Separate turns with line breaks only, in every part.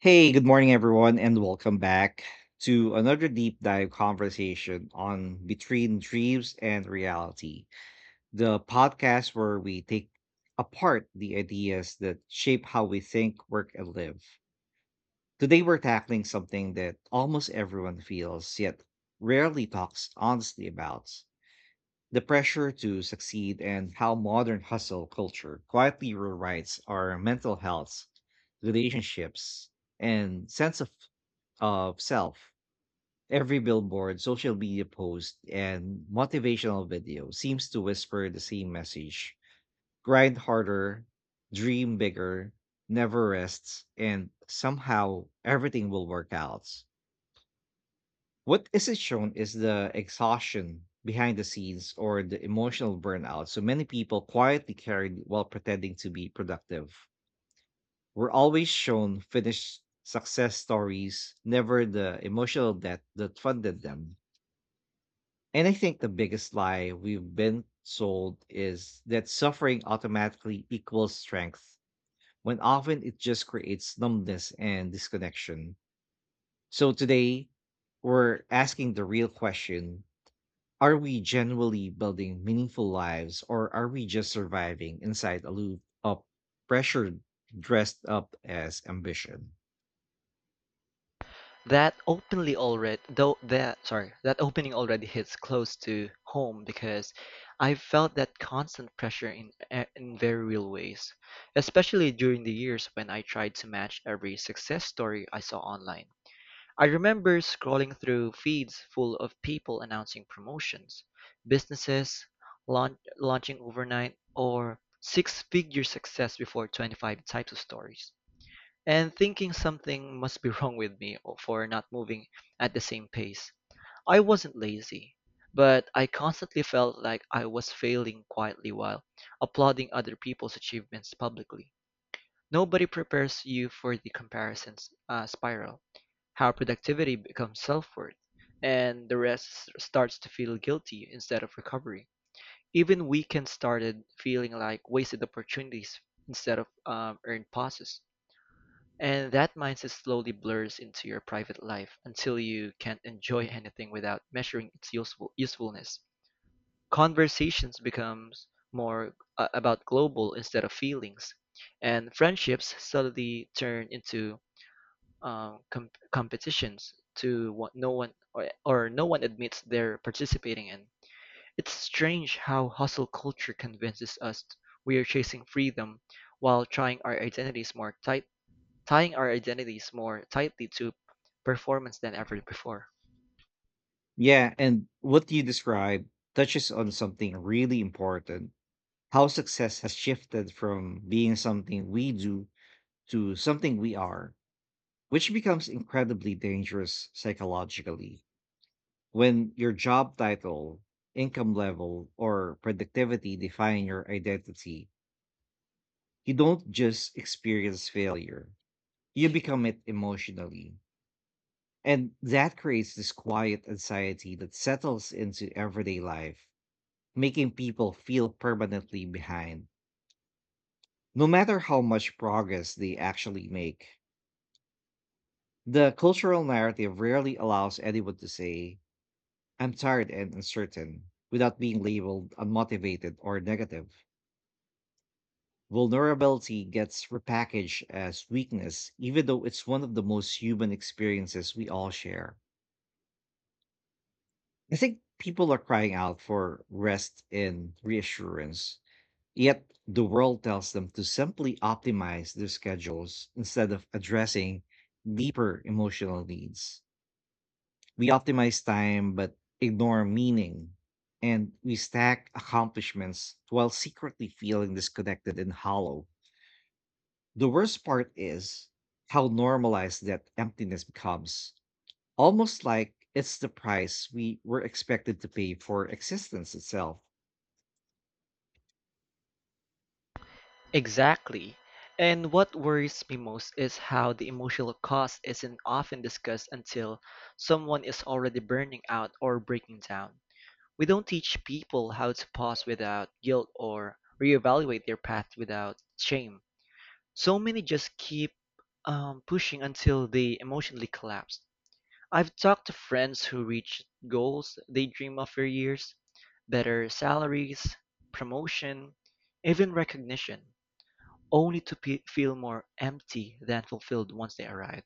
Hey, good morning, everyone, and welcome back to another deep dive conversation on Between Dreams and Reality, the podcast where we take apart the ideas that shape how we think, work, and live. Today, we're tackling something that almost everyone feels, yet rarely talks honestly about the pressure to succeed and how modern hustle culture quietly rewrites our mental health, relationships, and sense of self. Every billboard, social media post, and motivational video seems to whisper the same message: grind harder, dream bigger, never rests, and somehow everything will work out. What isn't shown is the exhaustion behind the scenes or the emotional burnout so many people quietly carried while pretending to be productive. We're always shown finished success stories, never the emotional debt that funded them. And I think the biggest lie we've been sold is that suffering automatically equals strength, when often it just creates numbness and disconnection. So today, we're asking the real question: Are we genuinely building meaningful lives, or are we just surviving inside a loop of pressure dressed up as ambition?
That openly already though that sorry, that opening already hits close to home because I felt that constant pressure in very real ways, especially during the years when I tried to match every success story I saw online. I remember scrolling through feeds full of people announcing promotions, businesses launching overnight, or six-figure success before 25 types of stories and thinking something must be wrong with me for not moving at the same pace. I wasn't lazy, but I constantly felt like I was failing quietly while applauding other people's achievements publicly. Nobody prepares you for the comparisons spiral, how productivity becomes self worth, and the rest starts to feel guilty instead of recovery. Even weekends started feeling like wasted opportunities instead of earned pauses. And that mindset slowly blurs into your private life until you can't enjoy anything without measuring its usefulness. Conversations becomes more about global instead of feelings, and friendships suddenly turn into competitions to what no one admits they're participating in. It's strange how hustle culture convinces us we are chasing freedom while trying our identities more tight tying our identities more tightly to performance than ever before.
Yeah, and what you describe touches on something really important: how success has shifted from being something we do to something we are, which becomes incredibly dangerous psychologically. When your job title, income level, or productivity define your identity, you don't just experience failure, you become it emotionally. And that creates this quiet anxiety that settles into everyday life, making people feel permanently behind, no matter how much progress they actually make. The cultural narrative rarely allows anyone to say, "I'm tired and uncertain," without being labeled unmotivated or negative. Vulnerability gets repackaged as weakness, even though it's one of the most human experiences we all share. I think people are crying out for rest and reassurance, yet the world tells them to simply optimize their schedules instead of addressing deeper emotional needs. We optimize time but ignore meaning, and we stack accomplishments while secretly feeling disconnected and hollow. The worst part is how normalized that emptiness becomes, almost like it's the price we were expected to pay for existence itself.
Exactly. And what worries me most is how the emotional cost isn't often discussed until someone is already burning out or breaking down. We don't teach people how to pause without guilt or reevaluate their path without shame. So many just keep pushing until they emotionally collapse. I've talked to friends who reached goals they dream of for years, better salaries, promotion, even recognition, only to pe feel more empty than fulfilled once they arrived.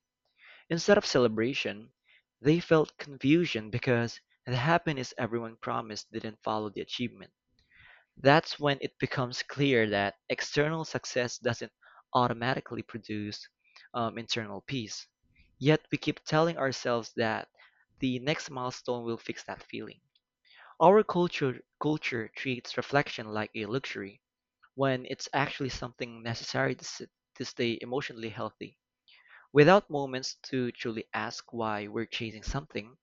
Instead of celebration, they felt confusion because the happiness everyone promised didn't follow the achievement. That's when it becomes clear that external success doesn't automatically produce internal peace. Yet we keep telling ourselves that the next milestone will fix that feeling. Our culture treats reflection like a luxury when it's actually something necessary to stay emotionally healthy. Without moments to truly ask why we're chasing something,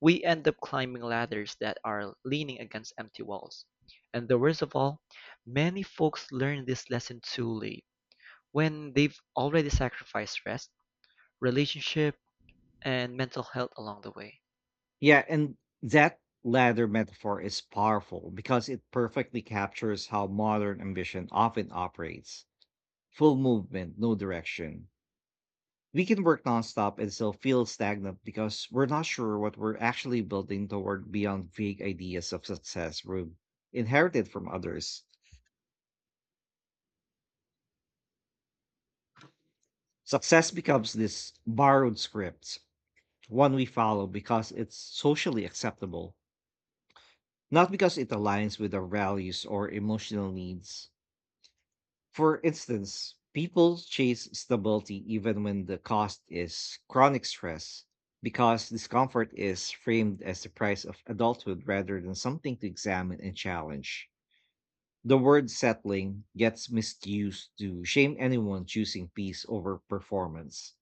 we end up climbing ladders that are leaning against empty walls. And the worst of all, many folks learn this lesson too late, when they've already sacrificed rest, relationship, and mental health along the way.
Yeah, and that ladder metaphor is powerful because it perfectly captures how modern ambition often operates: full movement, no direction. We can work nonstop and still feel stagnant because we're not sure what we're actually building toward beyond vague ideas of success we've inherited from others. Success becomes this borrowed script, one we follow because it's socially acceptable, not because it aligns with our values or emotional needs. For instance, people chase stability even when the cost is chronic stress, because discomfort is framed as the price of adulthood rather than something to examine and challenge. The word settling gets misused to shame anyone choosing peace over performance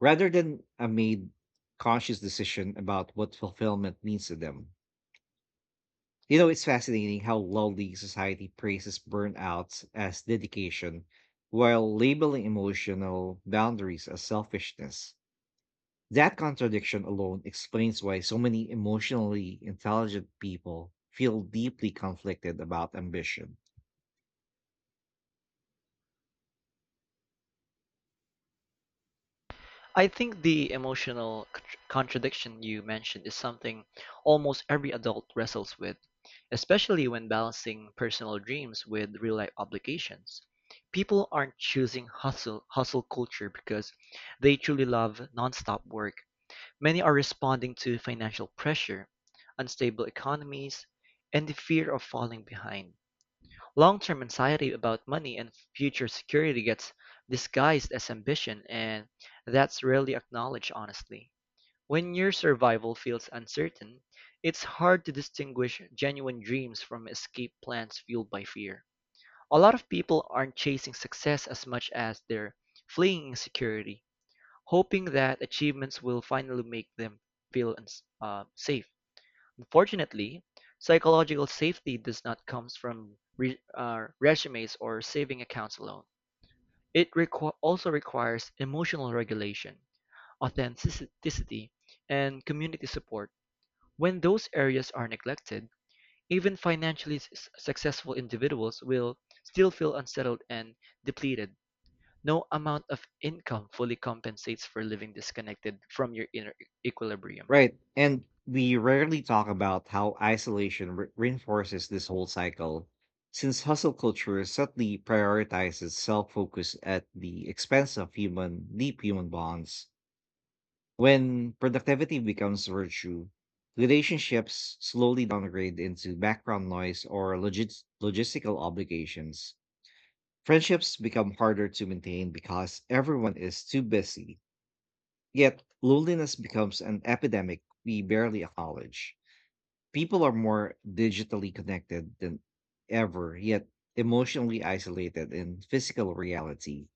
rather than a made conscious decision about what fulfillment means to them. You know, it's fascinating how lowly society praises burnout as dedication while labeling emotional boundaries as selfishness. That contradiction alone explains why so many emotionally intelligent people feel deeply conflicted about ambition.
I think the emotional contradiction you mentioned is something almost every adult wrestles with, especially when balancing personal dreams with real life obligations. People aren't choosing hustle culture because they truly love nonstop work. Many are responding to financial pressure, unstable economies, and the fear of falling behind. Long-term anxiety about money and future security gets disguised as ambition, and that's rarely acknowledged honestly. When your survival feels uncertain, it's hard to distinguish genuine dreams from escape plans fueled by fear. A lot of people aren't chasing success as much as they're fleeing insecurity, hoping that achievements will finally make them feel safe. Unfortunately, psychological safety does not come from resumes or saving accounts alone. It also requires emotional regulation, authenticity, and community support. When those areas are neglected, even financially successful individuals will still feel unsettled and depleted. No amount of income fully compensates for living disconnected from your inner equilibrium.
Right. And we rarely talk about how isolation reinforces this whole cycle, since hustle culture subtly prioritizes self focus at the expense of human, deep human bonds. When productivity becomes virtue, relationships slowly downgrade into background noise or logistical obligations. Friendships become harder to maintain because everyone is too busy. Yet, loneliness becomes an epidemic we barely acknowledge. People are more digitally connected than ever, yet emotionally isolated in physical reality.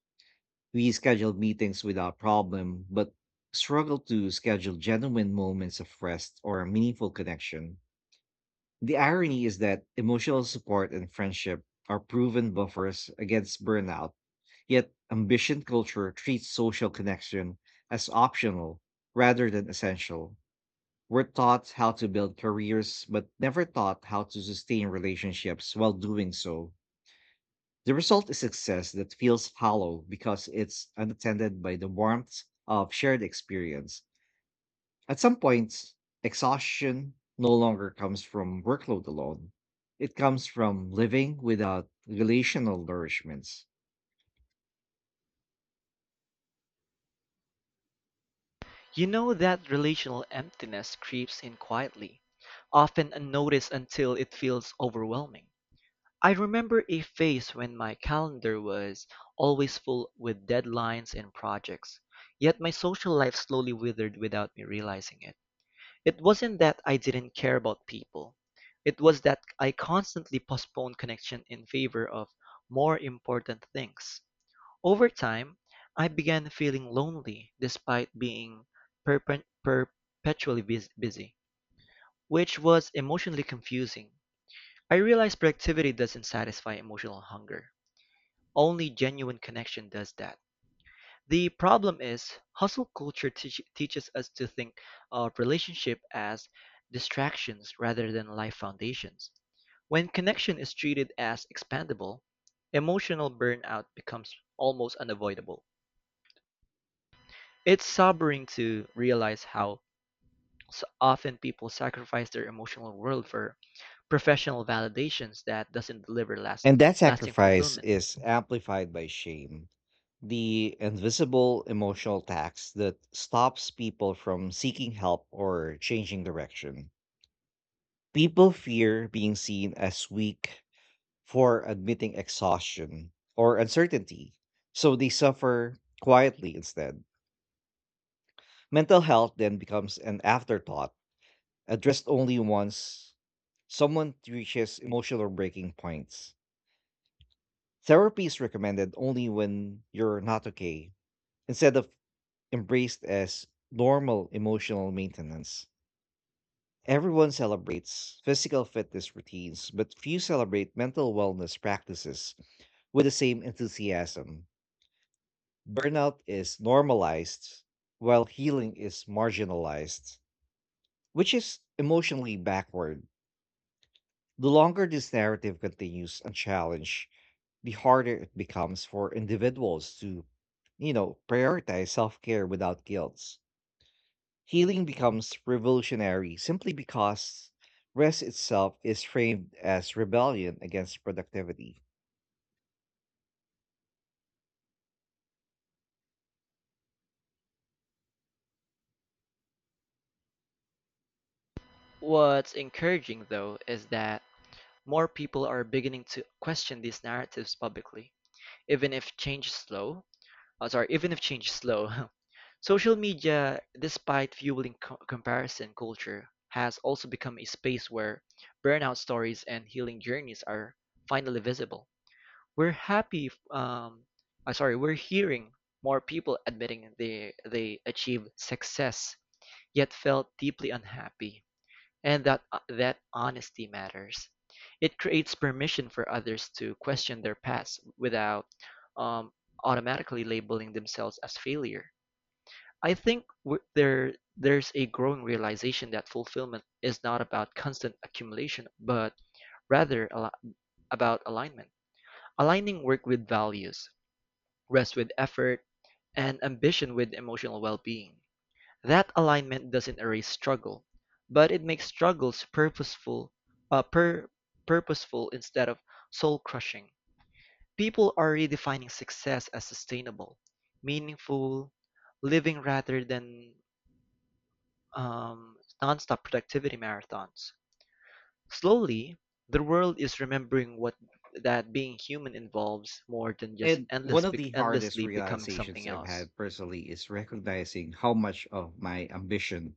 We schedule meetings without problem, but struggle to schedule genuine moments of rest or a meaningful connection. The irony is that emotional support and friendship are proven buffers against burnout, yet ambition culture treats social connection as optional rather than essential. We're taught how to build careers, but never taught how to sustain relationships while doing so. The result is success that feels hollow because it's unattended by the warmth of shared experience. At some points, exhaustion no longer comes from workload alone. It comes from living without relational nourishments.
You know that relational emptiness creeps in quietly, often unnoticed until it feels overwhelming. I remember a phase when my calendar was always full with deadlines and projects, yet my social life slowly withered without me realizing it. It wasn't that I didn't care about people. It was that I constantly postponed connection in favor of more important things. Over time, I began feeling lonely despite being perpetually busy, which was emotionally confusing. I realized productivity doesn't satisfy emotional hunger. Only genuine connection does that. The problem is, hustle culture teaches us to think of relationship as distractions rather than life foundations. When connection is treated as expandable, emotional burnout becomes almost unavoidable. It's sobering to realize how so often people sacrifice their emotional world for professional validations that doesn't deliver
And that
lasting
sacrifice
fulfillment.
is amplified by shame, the invisible emotional tax that stops people from seeking help or changing direction. People fear being seen as weak for admitting exhaustion or uncertainty, so they suffer quietly instead. Mental health then becomes an afterthought, addressed only once someone reaches emotional breaking points. Therapy is recommended only when you're not okay, instead of embraced as normal emotional maintenance. Everyone celebrates physical fitness routines, but few celebrate mental wellness practices with the same enthusiasm. Burnout is normalized while healing is marginalized, which is emotionally backward. The longer this narrative continues unchallenged, the harder it becomes for individuals to, you know, prioritize self care without guilt. Healing becomes revolutionary simply because rest itself is framed as rebellion against productivity.
What's encouraging though is that more people are beginning to question these narratives publicly. Even if change is slow, Even if change is slow. Social media, despite fueling comparison culture, has also become a space where burnout stories and healing journeys are finally visible. We're happy, f- sorry, we're hearing more people admitting they achieved success yet felt deeply unhappy, and that honesty matters. It creates permission for others to question their past without um, automatically labeling themselves as failure. I think there's a growing realization that fulfillment is not about constant accumulation, but rather al- about alignment. Aligning work with values, rest with effort, and ambition with emotional well-being. That alignment doesn't erase struggle, but it makes struggles uh, pur- purposeful instead of soul-crushing. People are redefining success as sustainable, meaningful living rather than um, non-stop productivity marathons. Slowly, the world is remembering what that being human involves more than just
And one of the hardest
endlessly becoming
realizations
something
I've
else.
had personally is recognizing how much of my ambition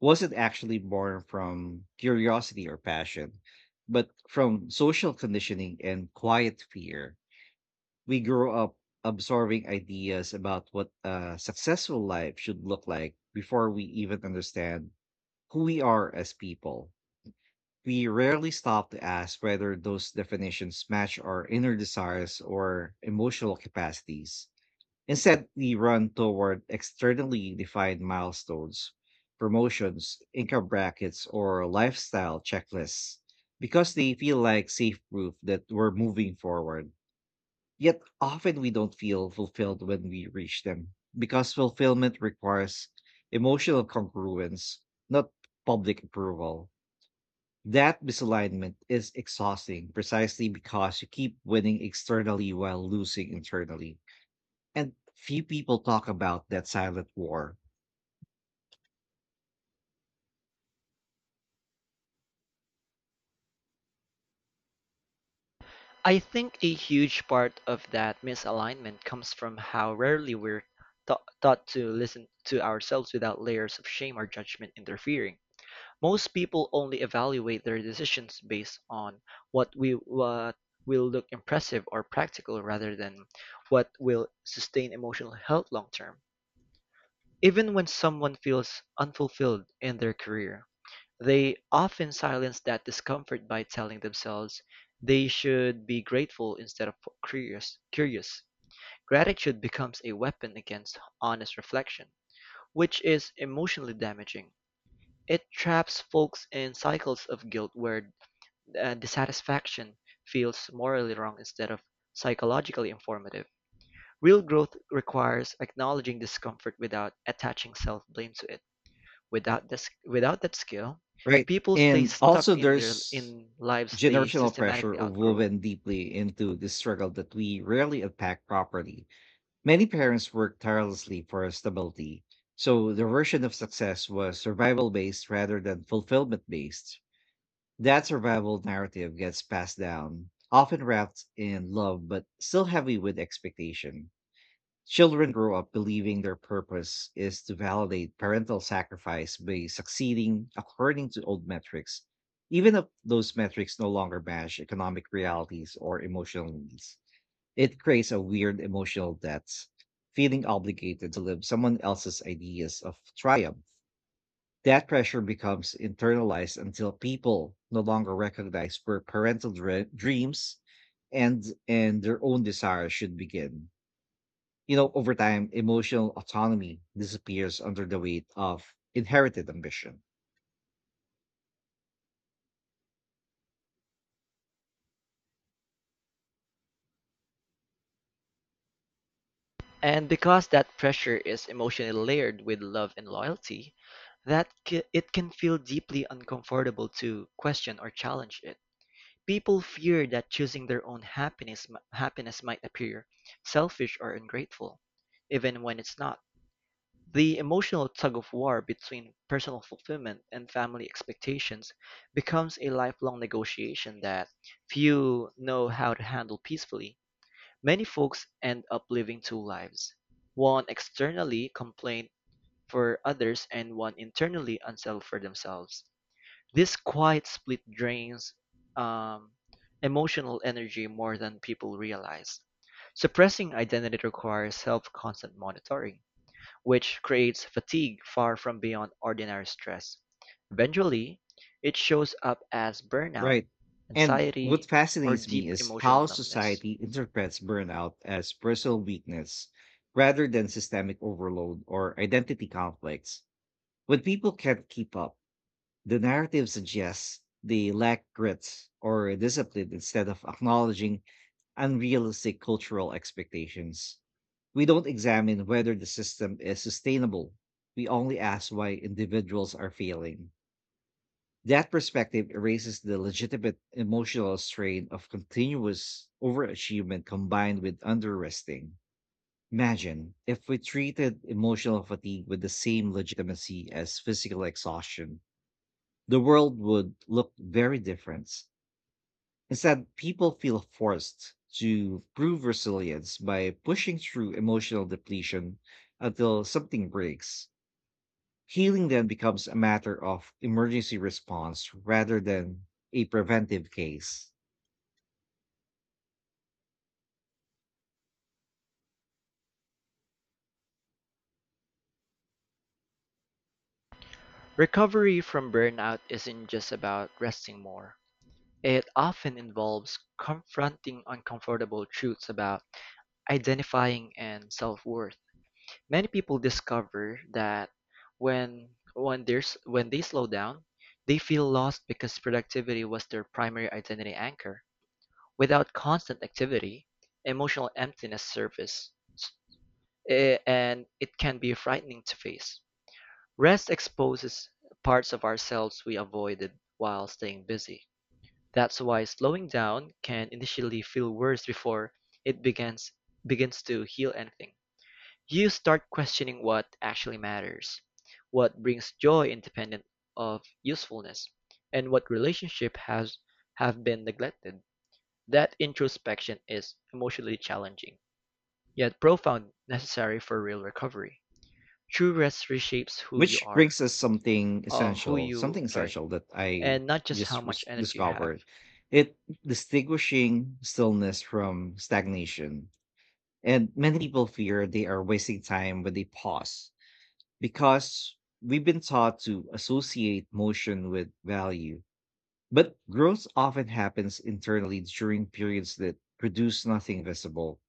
wasn't actually born from curiosity or passion, but from social conditioning and quiet fear. We grow up absorbing ideas about what a successful life should look like before we even understand who we are as people. We rarely stop to ask whether those definitions match our inner desires or emotional capacities. Instead, we run toward externally defined milestones, promotions, income brackets, or lifestyle checklists, because they feel like safe proof that we're moving forward. Yet often we don't feel fulfilled when we reach them because fulfillment requires emotional congruence, not public approval. That misalignment is exhausting precisely because you keep winning externally while losing internally. And few people talk about that silent war,
I think a huge part of that misalignment comes from how rarely we're taught to listen to ourselves without layers of shame or judgment interfering. Most people only evaluate their decisions based on what will look impressive or practical rather than what will sustain emotional health long term. Even when someone feels unfulfilled in their career, they often silence that discomfort by telling themselves they should be grateful instead of curious. Gratitude becomes a weapon against honest reflection, which is emotionally damaging. It traps folks in cycles of guilt where dissatisfaction feels morally wrong instead of psychologically informative. Real growth requires acknowledging discomfort without attaching self blame to it. Without that skill,
right?
people stay
And
stuck
also,
in their
there's
in lives they
generational pressure
systematically outgrow.
woven deeply into this struggle that we rarely unpack properly. Many parents worked tirelessly for stability. So, their version of success was survival based rather than fulfillment based. That survival narrative gets passed down, often wrapped in love but still heavy with expectation. Children grow up believing their purpose is to validate parental sacrifice by succeeding according to old metrics, even if those metrics no longer match economic realities or emotional needs. It creates a weird emotional debt, feeling obligated to live someone else's ideas of triumph. That pressure becomes internalized until people no longer recognize where parental dreams and their own desires should begin. You know, over time, emotional autonomy disappears under the weight of inherited ambition.
And because that pressure is emotionally layered with love and loyalty, it can feel deeply uncomfortable to question or challenge it. People fear that choosing their own happiness might appear selfish or ungrateful, even when it's not. The emotional tug-of-war between personal fulfillment and family expectations becomes a lifelong negotiation that few know how to handle peacefully. Many folks end up living two lives, one externally complained for others and one internally unsettled for themselves. This quiet split drains um, emotional energy more than people realize. Suppressing identity requires self-constant monitoring which creates fatigue far from beyond ordinary stress. Eventually, it shows up as burnout,
Right. And what
anxiety, or
fascinates me
deep
is
emotional
how
numbness.
society interprets burnout as personal weakness rather than systemic overload or identity conflicts. When people can't keep up, the narrative suggests they lack grit or discipline instead of acknowledging unrealistic cultural expectations. We don't examine whether the system is sustainable. We only ask why individuals are failing. That perspective erases the legitimate emotional strain of continuous overachievement combined with underresting. Imagine if we treated emotional fatigue with the same legitimacy as physical exhaustion, the world would look very different. Instead, people feel forced to prove resilience by pushing through emotional depletion until something breaks. Healing then becomes a matter of emergency response rather than a preventive case.
Recovery from burnout isn't just about resting more. It often involves confronting uncomfortable truths about identifying and self-worth. Many people discover that when they slow down, they feel lost because productivity was their primary identity anchor. Without constant activity, emotional emptiness surfaces, and it can be frightening to face. Rest exposes parts of ourselves we avoided while staying busy. That's why slowing down can initially feel worse before it begins to heal anything. You start questioning what actually matters, what brings joy independent of usefulness, and what relationship has have been neglected. That introspection is emotionally challenging, yet profound, necessary for real recovery. True rest reshapes who you
Which
are,
brings us
uh, who you,
something
sorry,
essential that I
and not just how
just
much
res-
energy you have.
discovered. It, distinguishing stillness from stagnation. And many people fear they are wasting time when they pause because we've been taught to associate motion with value. But growth often happens internally during periods that produce nothing visible.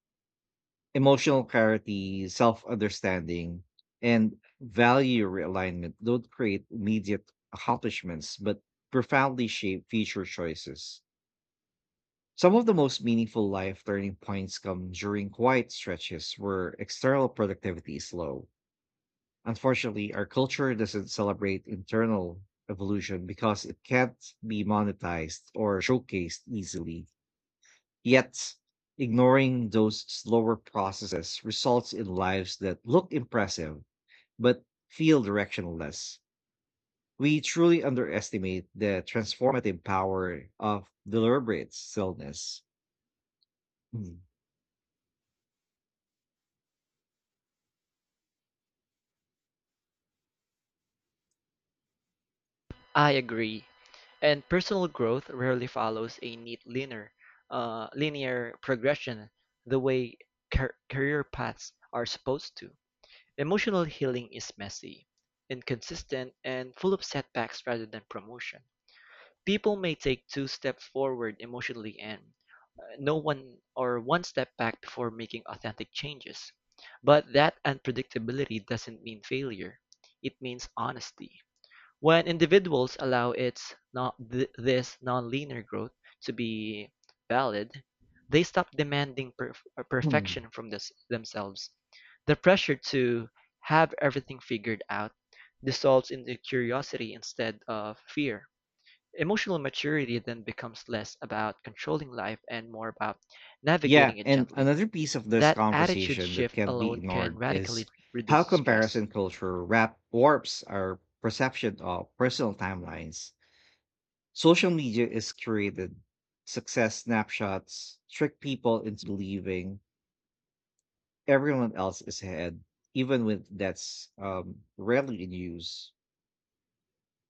Emotional clarity, self understanding, and value realignment don't create immediate accomplishments, but profoundly shape future choices. Some of the most meaningful life turning points come during quiet stretches where external productivity is low. Unfortunately, our culture doesn't celebrate internal evolution because it can't be monetized or showcased easily. Yet, ignoring those slower processes results in lives that look impressive but feel directionless. We truly underestimate the transformative power of deliberate stillness. Hmm.
I agree. And personal growth rarely follows a neat linear progression the way career paths are supposed to. Emotional healing is messy, inconsistent, and full of setbacks rather than promotion. People may take two steps forward emotionally and no one or one step back before making authentic changes. But that unpredictability doesn't mean failure. It means honesty. When individuals allow its not th- this nonlinear growth to be valid, they stop demanding
Hmm.
perfection from themselves. The pressure to have everything figured out dissolves into curiosity instead of fear. Emotional maturity then becomes less about controlling life and more about
Yeah,
navigating it
and
gently.
another piece of this
That attitude
conversation that
shift
can't be
alone can
ignored is
radically reduce
how
stress.
comparison culture wrap warps our perception of personal timelines. Social media is curated success snapshots, trick people into believing everyone else is ahead, even when that's rarely in use.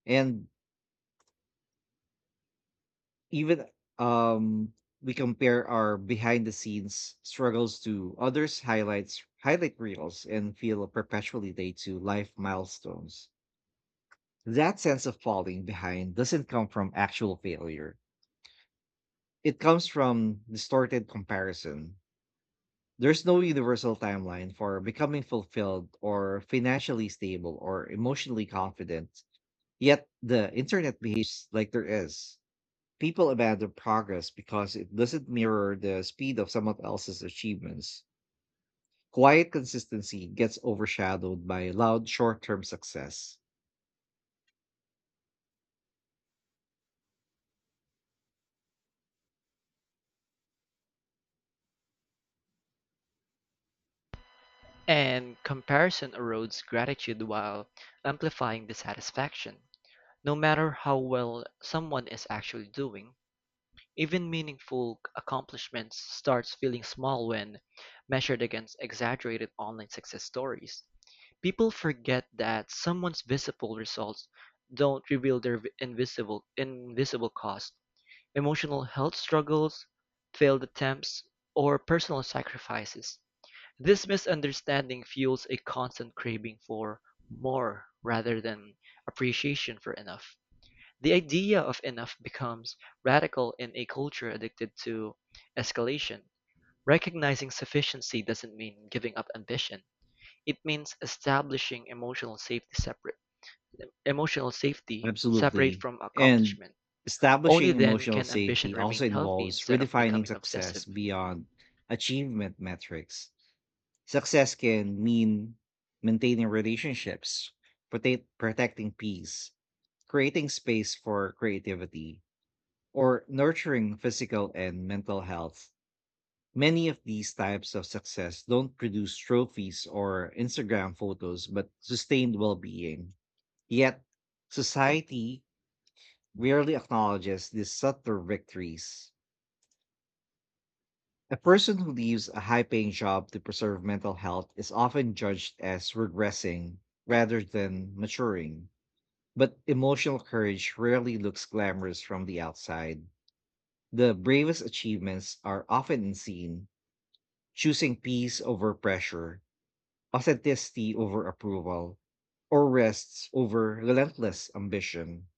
And even um we compare our behind the scenes struggles to others highlight reels and feel perpetually late to life milestones. That sense of falling behind doesn't come from actual failure, it comes from distorted comparison. There's no universal timeline for becoming fulfilled or financially stable or emotionally confident, yet the internet behaves like there is. People abandon progress because it doesn't mirror the speed of someone else's achievements. Quiet consistency gets overshadowed by loud short term success.
And comparison erodes gratitude while amplifying dissatisfaction. No matter how well someone is actually doing, even meaningful accomplishments starts feeling small when measured against exaggerated online success stories. People forget that someone's visible results don't reveal their invisible cost, emotional health struggles, failed attempts, or personal sacrifices. This misunderstanding fuels a constant craving for more rather than appreciation for enough. The idea of enough becomes radical in a culture addicted to escalation. Recognizing sufficiency doesn't mean giving up ambition. It means establishing emotional safety separate
Absolutely.
from
And
accomplishment. Only
establishing
then
emotional
can ambition
safety
remain
also
healthy
involves
instead of
redefining
becoming
success
obsessive.
beyond achievement metrics. Success can mean maintaining relationships, protecting peace, creating space for creativity, or nurturing physical and mental health. Many of these types of success don't produce trophies or Instagram photos, but sustained well being. Yet, society rarely acknowledges these subtle victories. A person who leaves a high paying job to preserve mental health is often judged as regressing rather than maturing. But emotional courage rarely looks glamorous from the outside. The bravest achievements are often unseen, choosing peace over pressure, authenticity over approval, or rests over relentless ambition.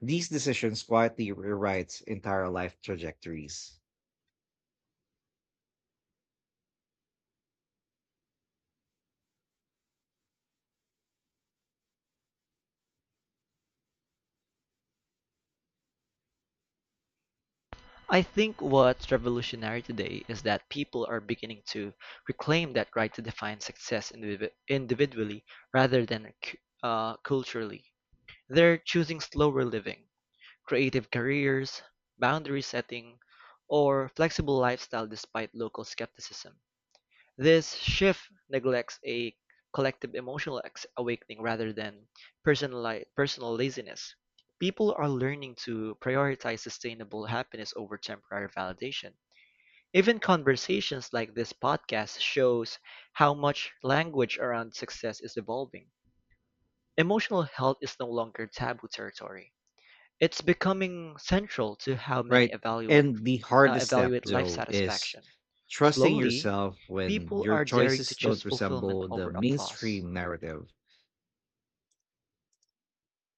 These decisions quietly rewrite entire life trajectories,
I think what's revolutionary today is that people are beginning to reclaim that right to define success individually rather than culturally. They're choosing slower living, creative careers, boundary setting, or flexible lifestyle despite local skepticism. This shift neglects a collective emotional awakening rather than personal personal laziness. People are learning to prioritize sustainable happiness over temporary validation. Even conversations like this podcast shows how much language around success is evolving. Emotional health is no longer taboo territory. It's becoming central to how many
right? And the hardest step,
evaluate life
though, is
satisfaction.
trusting
Slowly,
yourself when
people
your
are daring to
choices don't
choose fulfillment
resemble the
over applause.
mainstream narrative.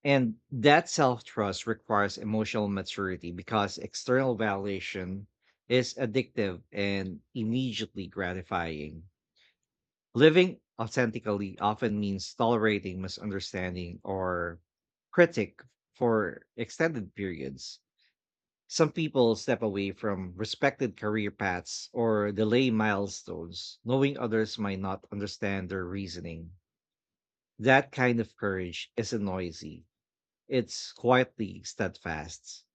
And that self trust requires emotional maturity because external validation is addictive and immediately gratifying. Living authentically often means tolerating misunderstanding or critic for extended periods. Some people step away from respected career paths or delay milestones, knowing others might not understand their reasoning. That kind of courage isn't noisy, it's quietly steadfast.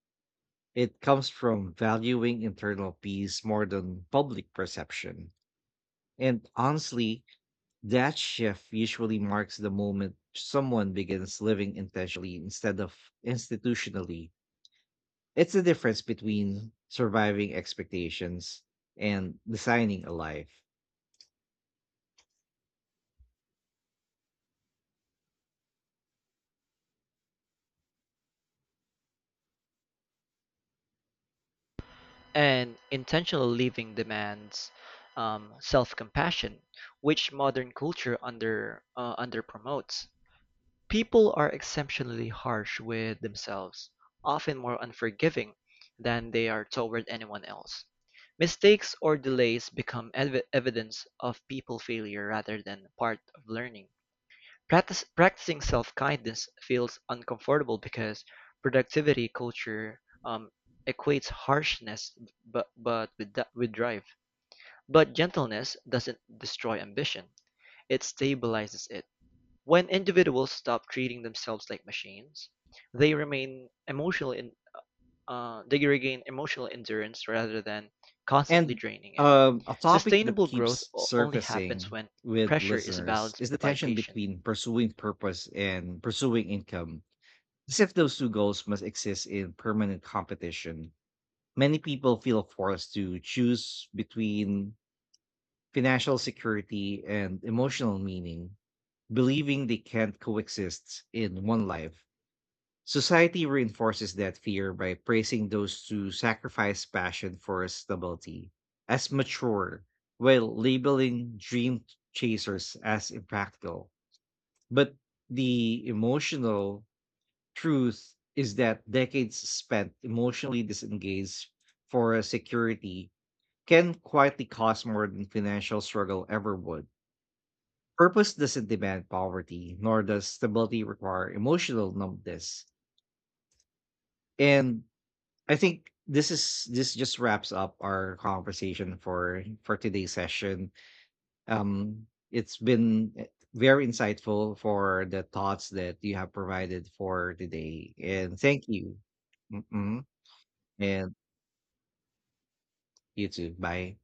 It comes from valuing internal peace more than public perception. And honestly, that shift usually marks the moment someone begins living intentionally instead of institutionally. It's the difference between surviving expectations and designing a life.
And intentional living demands self-compassion, which modern culture under promotes. People are exceptionally harsh with themselves, often more unforgiving than they are toward anyone else. Mistakes or delays become evidence of people failure rather than part of learning. Practicing self-kindness feels uncomfortable because productivity culture equates harshness with drive. But gentleness doesn't destroy ambition. It stabilizes it. When individuals stop treating themselves like machines, they remain emotional in, they regain emotional endurance rather than constantly
And
draining it.
a topic that
Sustainable growth
keeps
only happens
surfacing
when
with
pressure is
listeners
balanced
is the
by
tension
patience.
between pursuing purpose and pursuing income, as if those two goals must exist in permanent competition. Many people feel forced to choose between financial security and emotional meaning, believing they can't coexist in one life. Society reinforces that fear by praising those who sacrifice passion for stability as mature, while labeling dream chasers as impractical. But the emotional truth is that decades spent emotionally disengaged for security can quietly cost more than financial struggle ever would. Purpose doesn't demand poverty, nor does stability require emotional numbness. And I think this just wraps up our conversation for today's session. Um, it's been very insightful for the thoughts that you have provided for today, and thank you. Mm-mm. And you too. Bye.